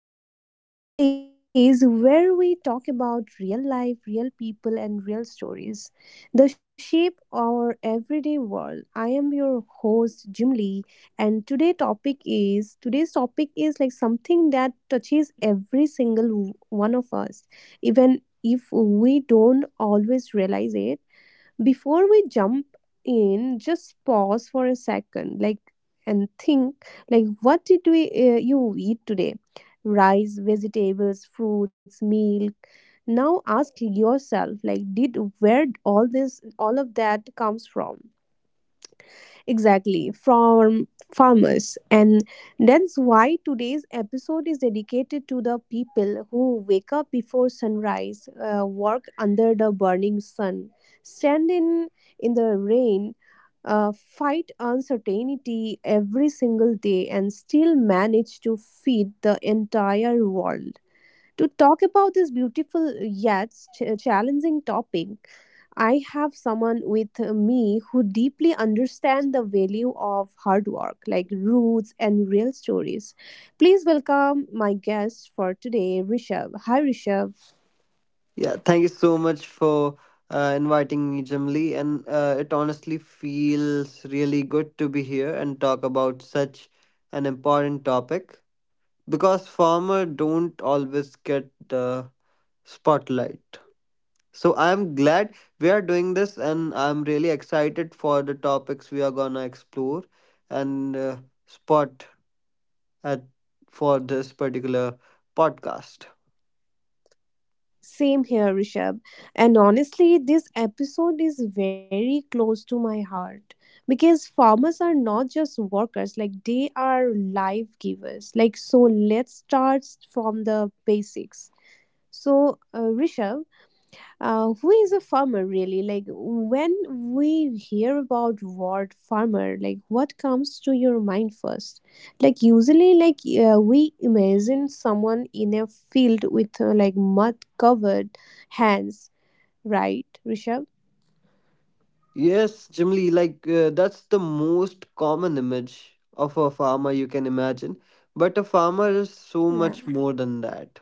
podcast, the place where we talk about real life, real people, and real stories that shape our everyday world. I am your host, Jim Lee, and today's topic is something that touches every single one of us, even if we don't always realize it before we jump in. Just pause for a second, and think what did we you eat today? Rice, vegetables, fruits, milk. Now ask yourself like did where all of that comes from? Exactly, from farmers. And that's why today's episode is dedicated to the people who wake up before sunrise, work under the burning sun, stand in the rain, fight uncertainty every single day, and still manage to feed the entire world. To talk about this beautiful yet challenging topic, I have someone with me who deeply understands the value of hard work, like roots and real stories. Please welcome my guest for today, Rishabh. Hi, Rishabh. Yeah, thank you so much for inviting me, Jamli. And it honestly feels really good to be here and talk about such an important topic because farmers don't always get the spotlight. So I'm glad we are doing this, and I'm really excited for the topics we are gonna explore and spot at for this particular podcast. Same here, Rishabh. And honestly, this episode is very close to my heart because farmers are not just workers, like they are life givers. Like, so let's start from the basics. So, Rishabh, who is a farmer really, like when we hear about word farmer, like what comes to your mind first, like usually, we imagine someone in a field with like mud covered hands, right, Rishabh? Yes, Jimly, like that's the most common image of a farmer you can imagine. But a farmer is so Yeah. much more than that.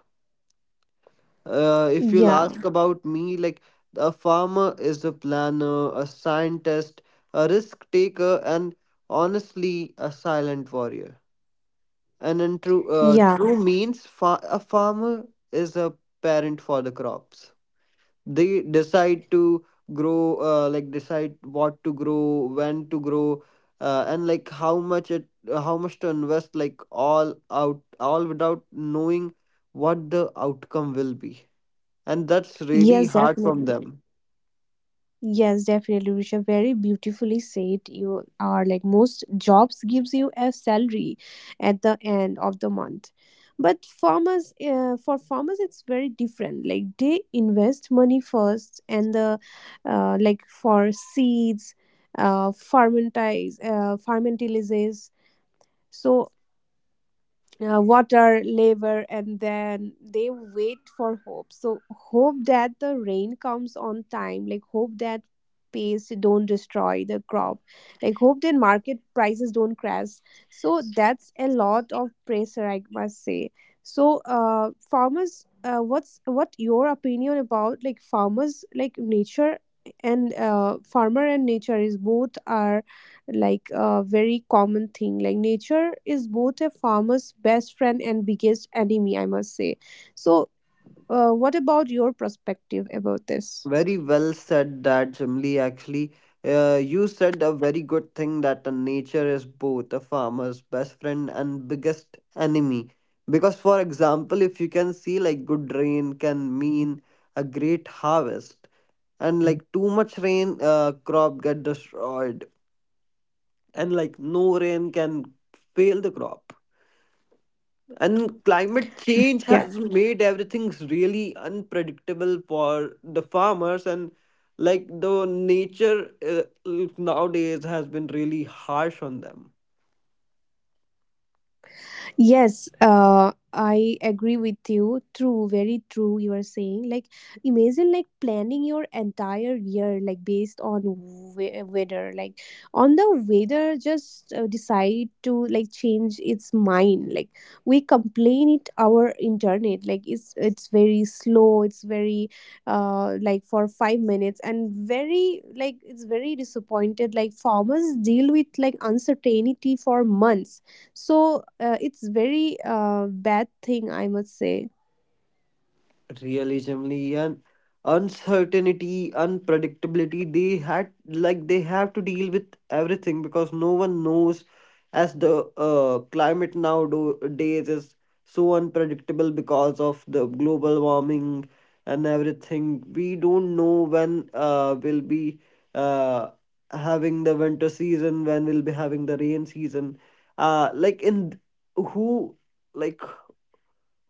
If you'll ask Yeah. about me, like a farmer is a planner, a scientist, a risk taker, and honestly, a silent warrior. And in true, uh, Yeah. true means, a farmer is a parent for the crops they decide to grow, like decide what to grow, when to grow, and like how much to invest, like all out all without knowing what the outcome will be, and that's really Yes, hard from definitely. them. Yes, definitely, Risha. Very beautifully said. You are like most jobs gives you a salary at the end of the month, but farmers, for farmers, it's very different. Like they invest money first, and the like for seeds, fermentilises. So water, labor, and then they wait for hope. So hope that the rain comes on time, like hope that paste don't destroy the crop, like hope that market prices don't crash. So that's a lot of pressure, I must say. So farmers, what your opinion about like farmers, like nature and farmer and nature is both are like a very common thing, like nature is both a farmer's best friend and biggest enemy, I must say. So what about your perspective about this? Very well said that, Jimli. Actually, you said a very good thing that the nature is both a farmer's best friend and biggest enemy. Because, for example, if you can see, like, good rain can mean a great harvest, and like too much rain, crop get destroyed, and like no rain can fail the crop. And climate change has made Yeah. everything really unpredictable for the farmers, and like the nature nowadays has been really harsh on them. Yes, I agree with you. True, very true. You are saying like imagine like planning your entire year like based on weather, like on the weather just decide to like change its mind. Like we complain it our internet, like it's very slow. It's very like for 5 minutes and very like it's very disappointed. Like farmers deal with like uncertainty for months, so it's very bad thing, I must say. Realismly, and uncertainty, unpredictability, they had like they have to deal with everything because no one knows, as the climate nowadays is so unpredictable because of the global warming and everything. We don't know when we'll be uh, having the winter season, when we'll be having the rain season, like in who like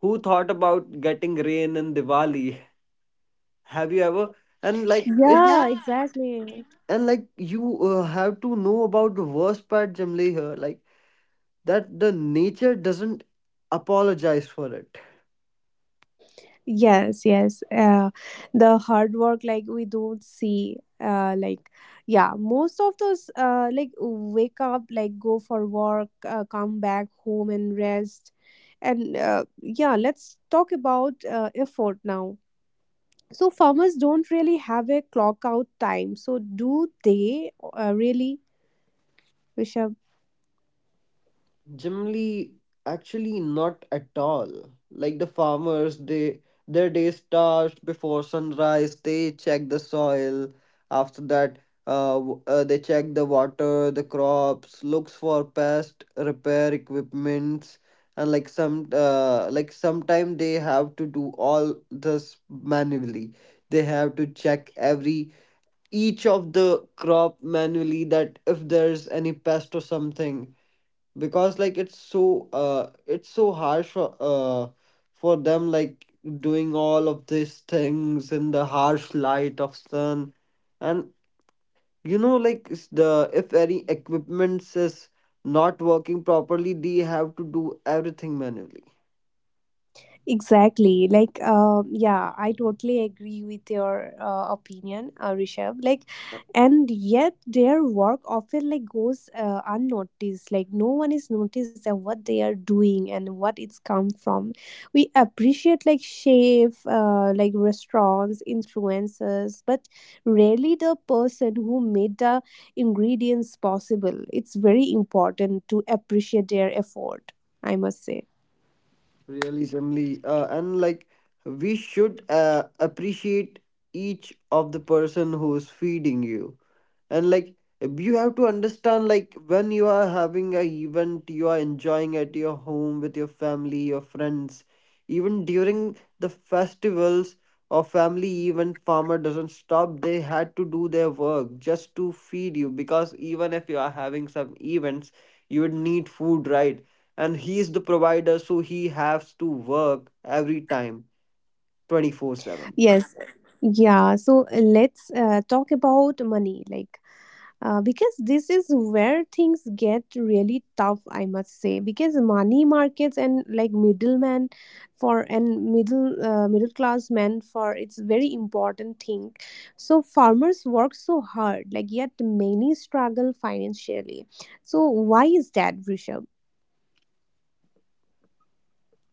who thought about getting rain in Diwali? Have you ever? And like it's Yeah, yeah. exactly. And like you have to know about the worst part, Jamle, here, like that the nature doesn't apologize for it. Yes, yes. The hard work like we don't see. Like yeah, most of those like wake up, like go for work, come back home and rest, and yeah, let's talk about effort now. So farmers don't really have a clock out time. So do they really, Rishabh? Generally, actually not at all. Like the farmers, they their day starts before sunrise. They check the soil. After that, they check the water, the crops, looks for pest, repair equipments, and like some like sometime they have to do all this manually. They have to check every each of the crop manually, that if there's any pest or something, because like it's so harsh, for them, like doing all of these things in the harsh light of sun. And you know, like it's the, if any equipment is not working properly, they have to do everything manually. Exactly. Like, yeah, I totally agree with your opinion, Rishabh. Like, and yet their work often like goes unnoticed. Like, no one is noticed that what they are doing and what it's come from. We appreciate like chef, like restaurants, influencers, but rarely the person who made the ingredients possible. It's very important to appreciate their effort. I must say. Really generally, and like we should appreciate each of the person who is feeding you. And like you have to understand, like when you are having a event, you are enjoying at your home with your family, your friends, even during the festivals or family event, farmer doesn't stop. They had to do their work just to feed you, because even if you are having some events, you would need food, right? And he is the provider, so he has to work every time, 24/7. Yes. Yeah. So let's talk about money, like, because this is where things get really tough, I must say, because money, markets, and like middleman for and middle class men for, it's very important thing. So farmers work so hard, like yet many struggle financially. So why is that, Rishabh?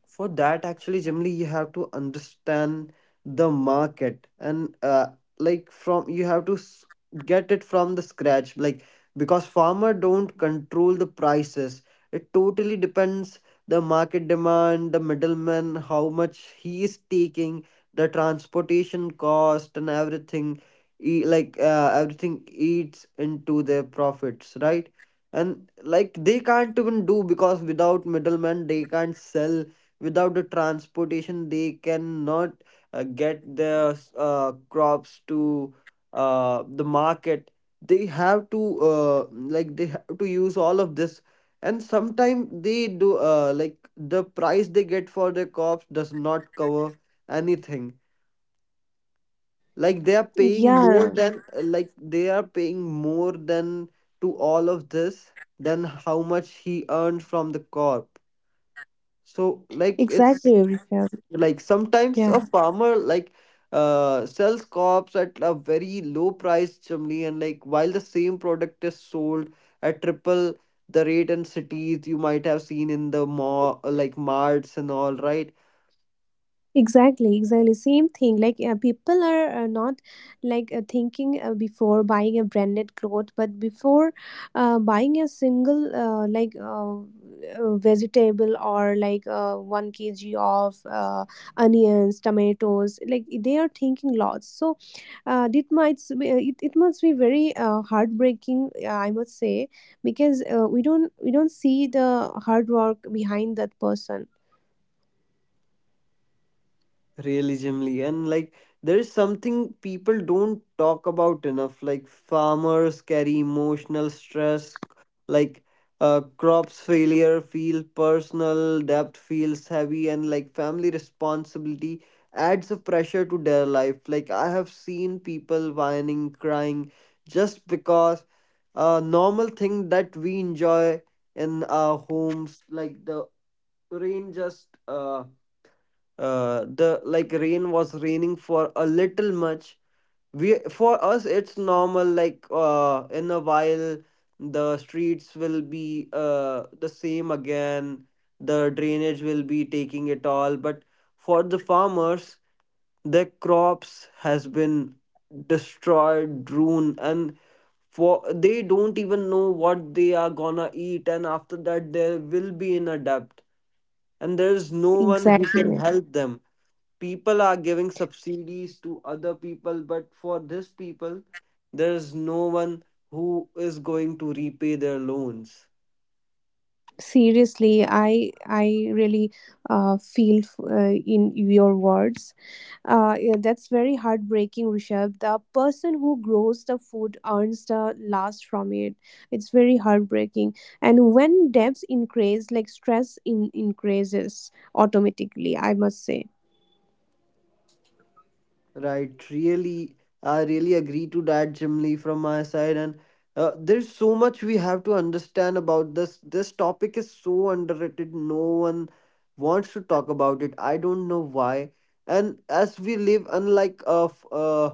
For that, actually generally, you have to understand the market and like from you have to get it from the scratch, like because farmer don't control the prices. It totally depends, the market demand, the middleman how much he is taking, the transportation cost and everything. Like everything eats into their profits, right? And like they can't even do, because without middlemen they can't sell, without the transportation they cannot get their crops to the market. They have to they have to use all of this. And sometimes they do, like the price they get for their crops does not cover anything. Like they are paying more Yeah, than, to all of this than how much he earned from the corp. So like exactly, it's, Rishabh. like sometimes a Yeah. farmer like sells crops at a very low price generally, and like while the same product is sold at triple the rate in cities. You might have seen in the mall, like marts and all, right? Exactly, exactly. Same thing. Like people are not like thinking before buying a branded cloth, but before buying a single vegetable or like 1 kg of onions, tomatoes. Like they are thinking lots. So it might be, it must be very heartbreaking. I must say because we don't see the hard work behind that person. Realistically, and like there is something people don't talk about enough, like farmers carry emotional stress, like crops failure feel personal, debt feels heavy, and like family responsibility adds a pressure to their life. Like I have seen people whining, crying, just because a normal thing that we enjoy in our homes, like the rain, just the like rain was raining for a little much. We, for us it's normal, like in a while the streets will be the same again, the drainage will be taking it all. But for the farmers, their crops has been destroyed, ruined, and for, they don't even know what they are gonna eat, and after that they will be in a debt, and there is no one who can Exactly. help them. People are giving subsidies to other people, but for this people, there is no one who is going to repay their loans. Seriously, I really feel in your words, yeah, that's very heartbreaking, Rishabh. The person who grows the food earns the last from it. It's very heartbreaking, and when debts increase, like stress in increases automatically, I must say. Right, really, I really agree to that, Jim Lee, from my side. And there's so much we have to understand about this. This topic is so underrated, no one wants to talk about it, I don't know why. And as we live unlike of,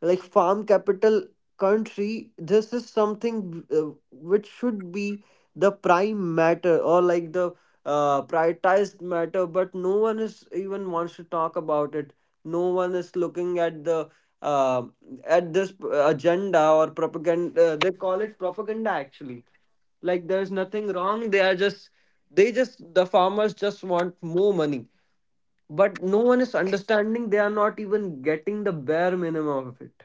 like farm capital country, this is something which should be the prime matter, or like the prioritized matter, but no one is even wants to talk about it. No one is looking at the uh, at this agenda or propaganda. They call it propaganda actually. Like there's nothing wrong, they are just, they just, the farmers just want more money, but no one is understanding, they are not even getting the bare minimum of it.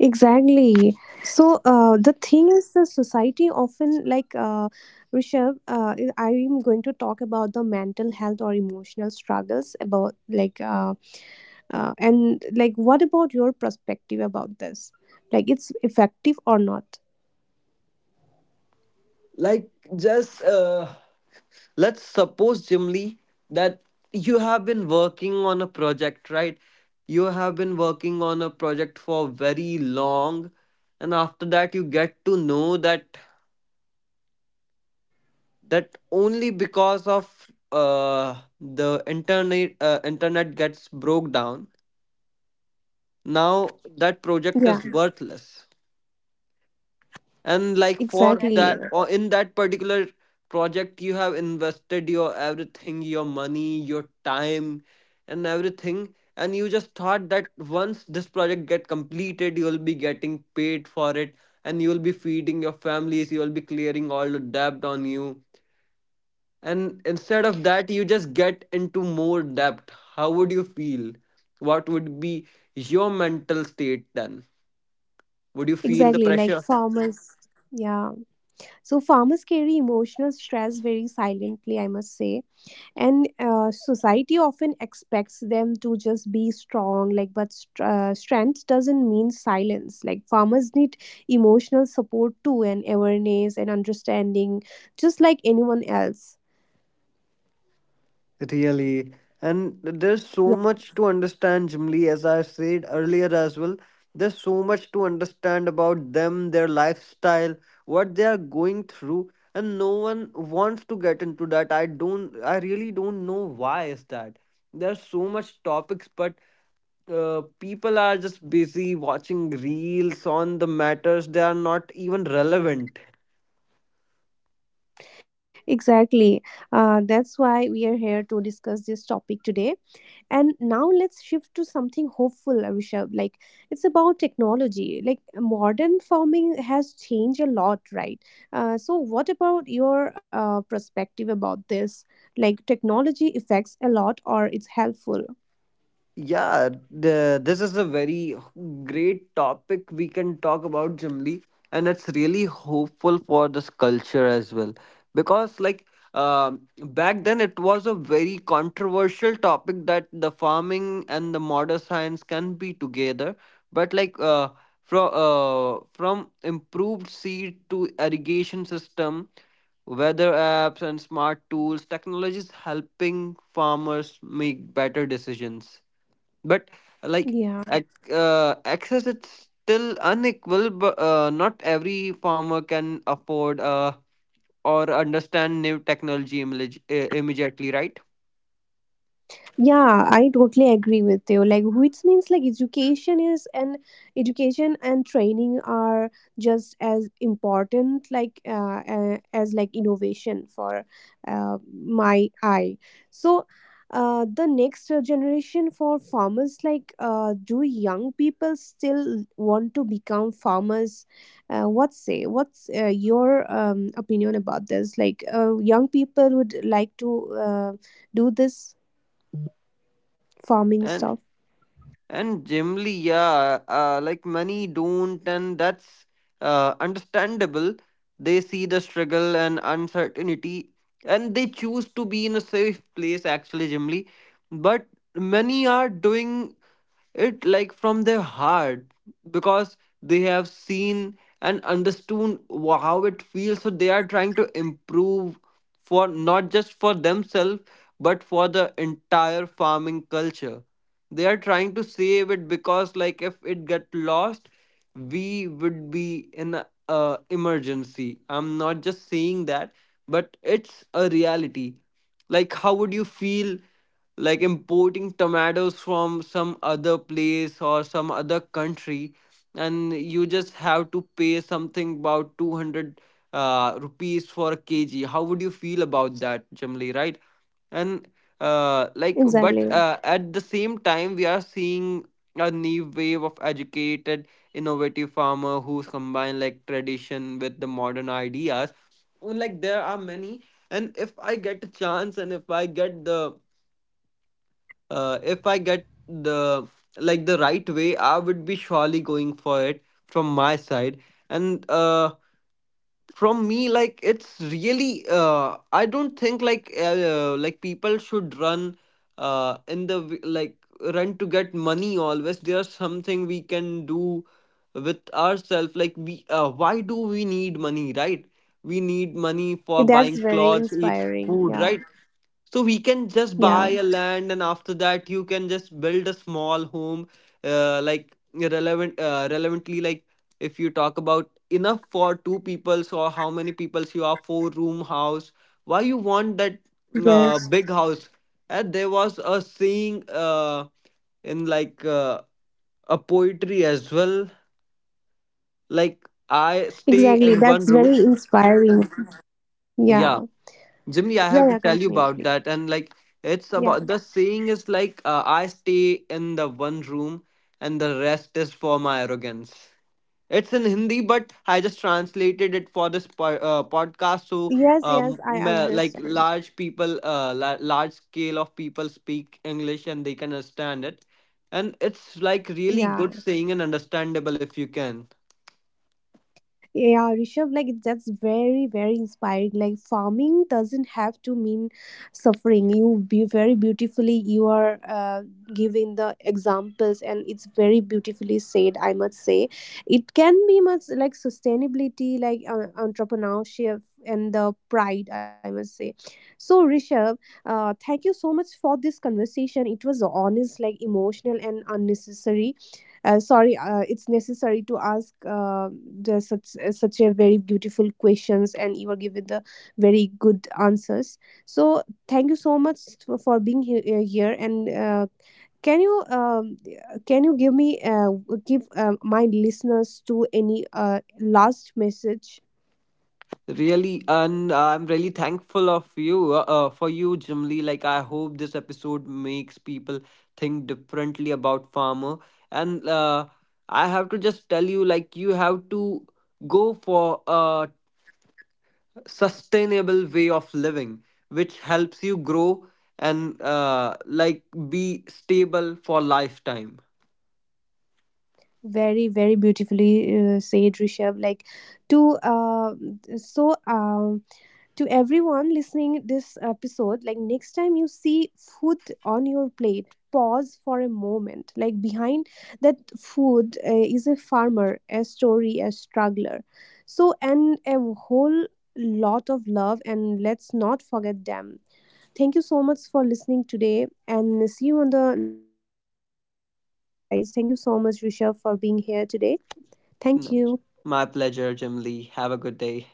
Exactly. So the thing is, the society often Rishabh. I am going to talk about the mental health or emotional struggles about and like what about your perspective about this? Like it's effective or not? Like just let's suppose, Jim Lee, that you have been working on a project, right? You have been working on a project for very long, and after that you get to know that, that only because of the internet gets broke down, now that Yeah. project is worthless. And like for Exactly. Yeah. that, or in that particular project, you have invested your everything, your money, your time, and everything. And you just thought that once this project get completed, you will be getting paid for it, and you will be feeding your families, you will be clearing all the debt on you. And instead of that, you just get into more debt. How would you feel? What would be your mental state then? Would you feel the Exactly. Like pressure? farmers. Yeah. So farmers carry emotional stress very silently, I must say. And society often expects them to just be strong like but strength doesn't mean silence, like farmers need emotional support too, and awareness and understanding, just like anyone else. Really. And there's so Yeah, much to understand, Jim Lee, as I said earlier as well. There's so much to understand about them, their lifestyle, what they are going through, and no one wants to get into that. I really don't know why is that. There's so much topics, but people are just busy watching reels on the matters they are not even relevant. exactly. That's why we are here to discuss this topic today. And now let's shift to something hopeful, Rishabh. Like it's about technology. Like modern farming has changed a lot, right? So, what about your perspective about this? Like technology affects a lot, or it's helpful? Yeah, this is a very great topic we can talk about, Jimli, and it's really hopeful for this culture as well. Because, like, back then it was a very controversial topic that the farming and the modern science can be together. But, like, from improved seed to irrigation system, weather apps and smart tools, technologies helping farmers make better decisions. But like Yeah. ac- access is still unequal, but not every farmer can afford or understand new technology image, immediately, right? Yeah, I totally agree with you. Like, which means like education is and education and training are just as important, as like innovation for my eye. So, the next generation for farmers, like, do young people still want to become farmers? What say? What's your opinion about this? Like, young people would like to do this farming stuff. And and generally yeah, like many don't, and that's understandable. They see the struggle and uncertainty, and they choose to be in a safe place, actually generally. But many are doing it, like from their heart, because they have seen and understood how it feels, so they are trying to improve, for not just for themselves but for the entire farming culture. They are trying to save it, because like if it get lost, we would be in a emergency. I'm not just saying that, but it's a reality. Like how would you feel, like importing tomatoes from some other place or some other country, and you just have to pay something about 200 rupees for a kg? How would you feel about that generally, right? And like Exactly. but at the same time we are seeing a new wave of educated, innovative farmer who's combined like tradition with the modern ideas. Like there are many, and if I get a chance, and if I get the, uh, if I get the like the right way, I would be surely going for it from my side. And from me, like it's really, I don't think like, like people should run, in the w- like run to get money always. There's something we can do with ourselves. Like we, why do we need money, right? We need money for That's buying very clothes, eat inspiring. food, Yeah. right? So we can just buy Yeah. a land, and after that you can just build a small home, like relevant, relevantly, like if you talk about enough for two peoples, or how many peoples you are, four room house, why you want that Yes. big house? And there was a saying, in a poetry as well, like I Exactly. stay That's in one very room. inspiring. Yeah. Yeah. Jimmy, Yeah. I Yeah. have to tell you Continue, please. about that. And like, it's Yeah. about, the saying is like, I stay in the one room and the rest is for my arrogance. It's in Hindi, but I just translated it for this podcast. So, Yes. Yes. I understand. large people, large scale of people speak English and they can understand it. And it's like Yeah. really good saying and understandable if you can. Yeah, Rishabh, like that's very, very inspiring. Like farming doesn't have to mean suffering. You be very beautifully, you are giving the examples, and it's very beautifully said. I must say, it can be much like sustainability, like entrepreneurship, and the pride. I must say. So Rishabh, thank you so much for this conversation. It was honest, like emotional, and unnecessary sorry it's necessary to ask the, such such a very beautiful questions, and you are given the very good answers, so thank you so much for being here and can you um, can you give me give my listeners to any last message. Really, and I'm really thankful of you, for you, Jimly. Like, I hope this episode makes people think differently about farmer. And I have to just tell you, like, you have to go for a sustainable way of living, which helps you grow and like be stable for lifetime. Very, very beautifully said, Rishabh. Like, to uh, so um to everyone listening this episode, like next time you see food on your plate, pause for a moment. Like behind that food is a farmer, a story, a struggler, so, and a whole lot of love, and let's not forget them. Thank you so much for listening today, and see you on the next episode, guys. Thank you so much, Rishabh, for being here today. Thank you. No, my pleasure, Jimly. Have a good day.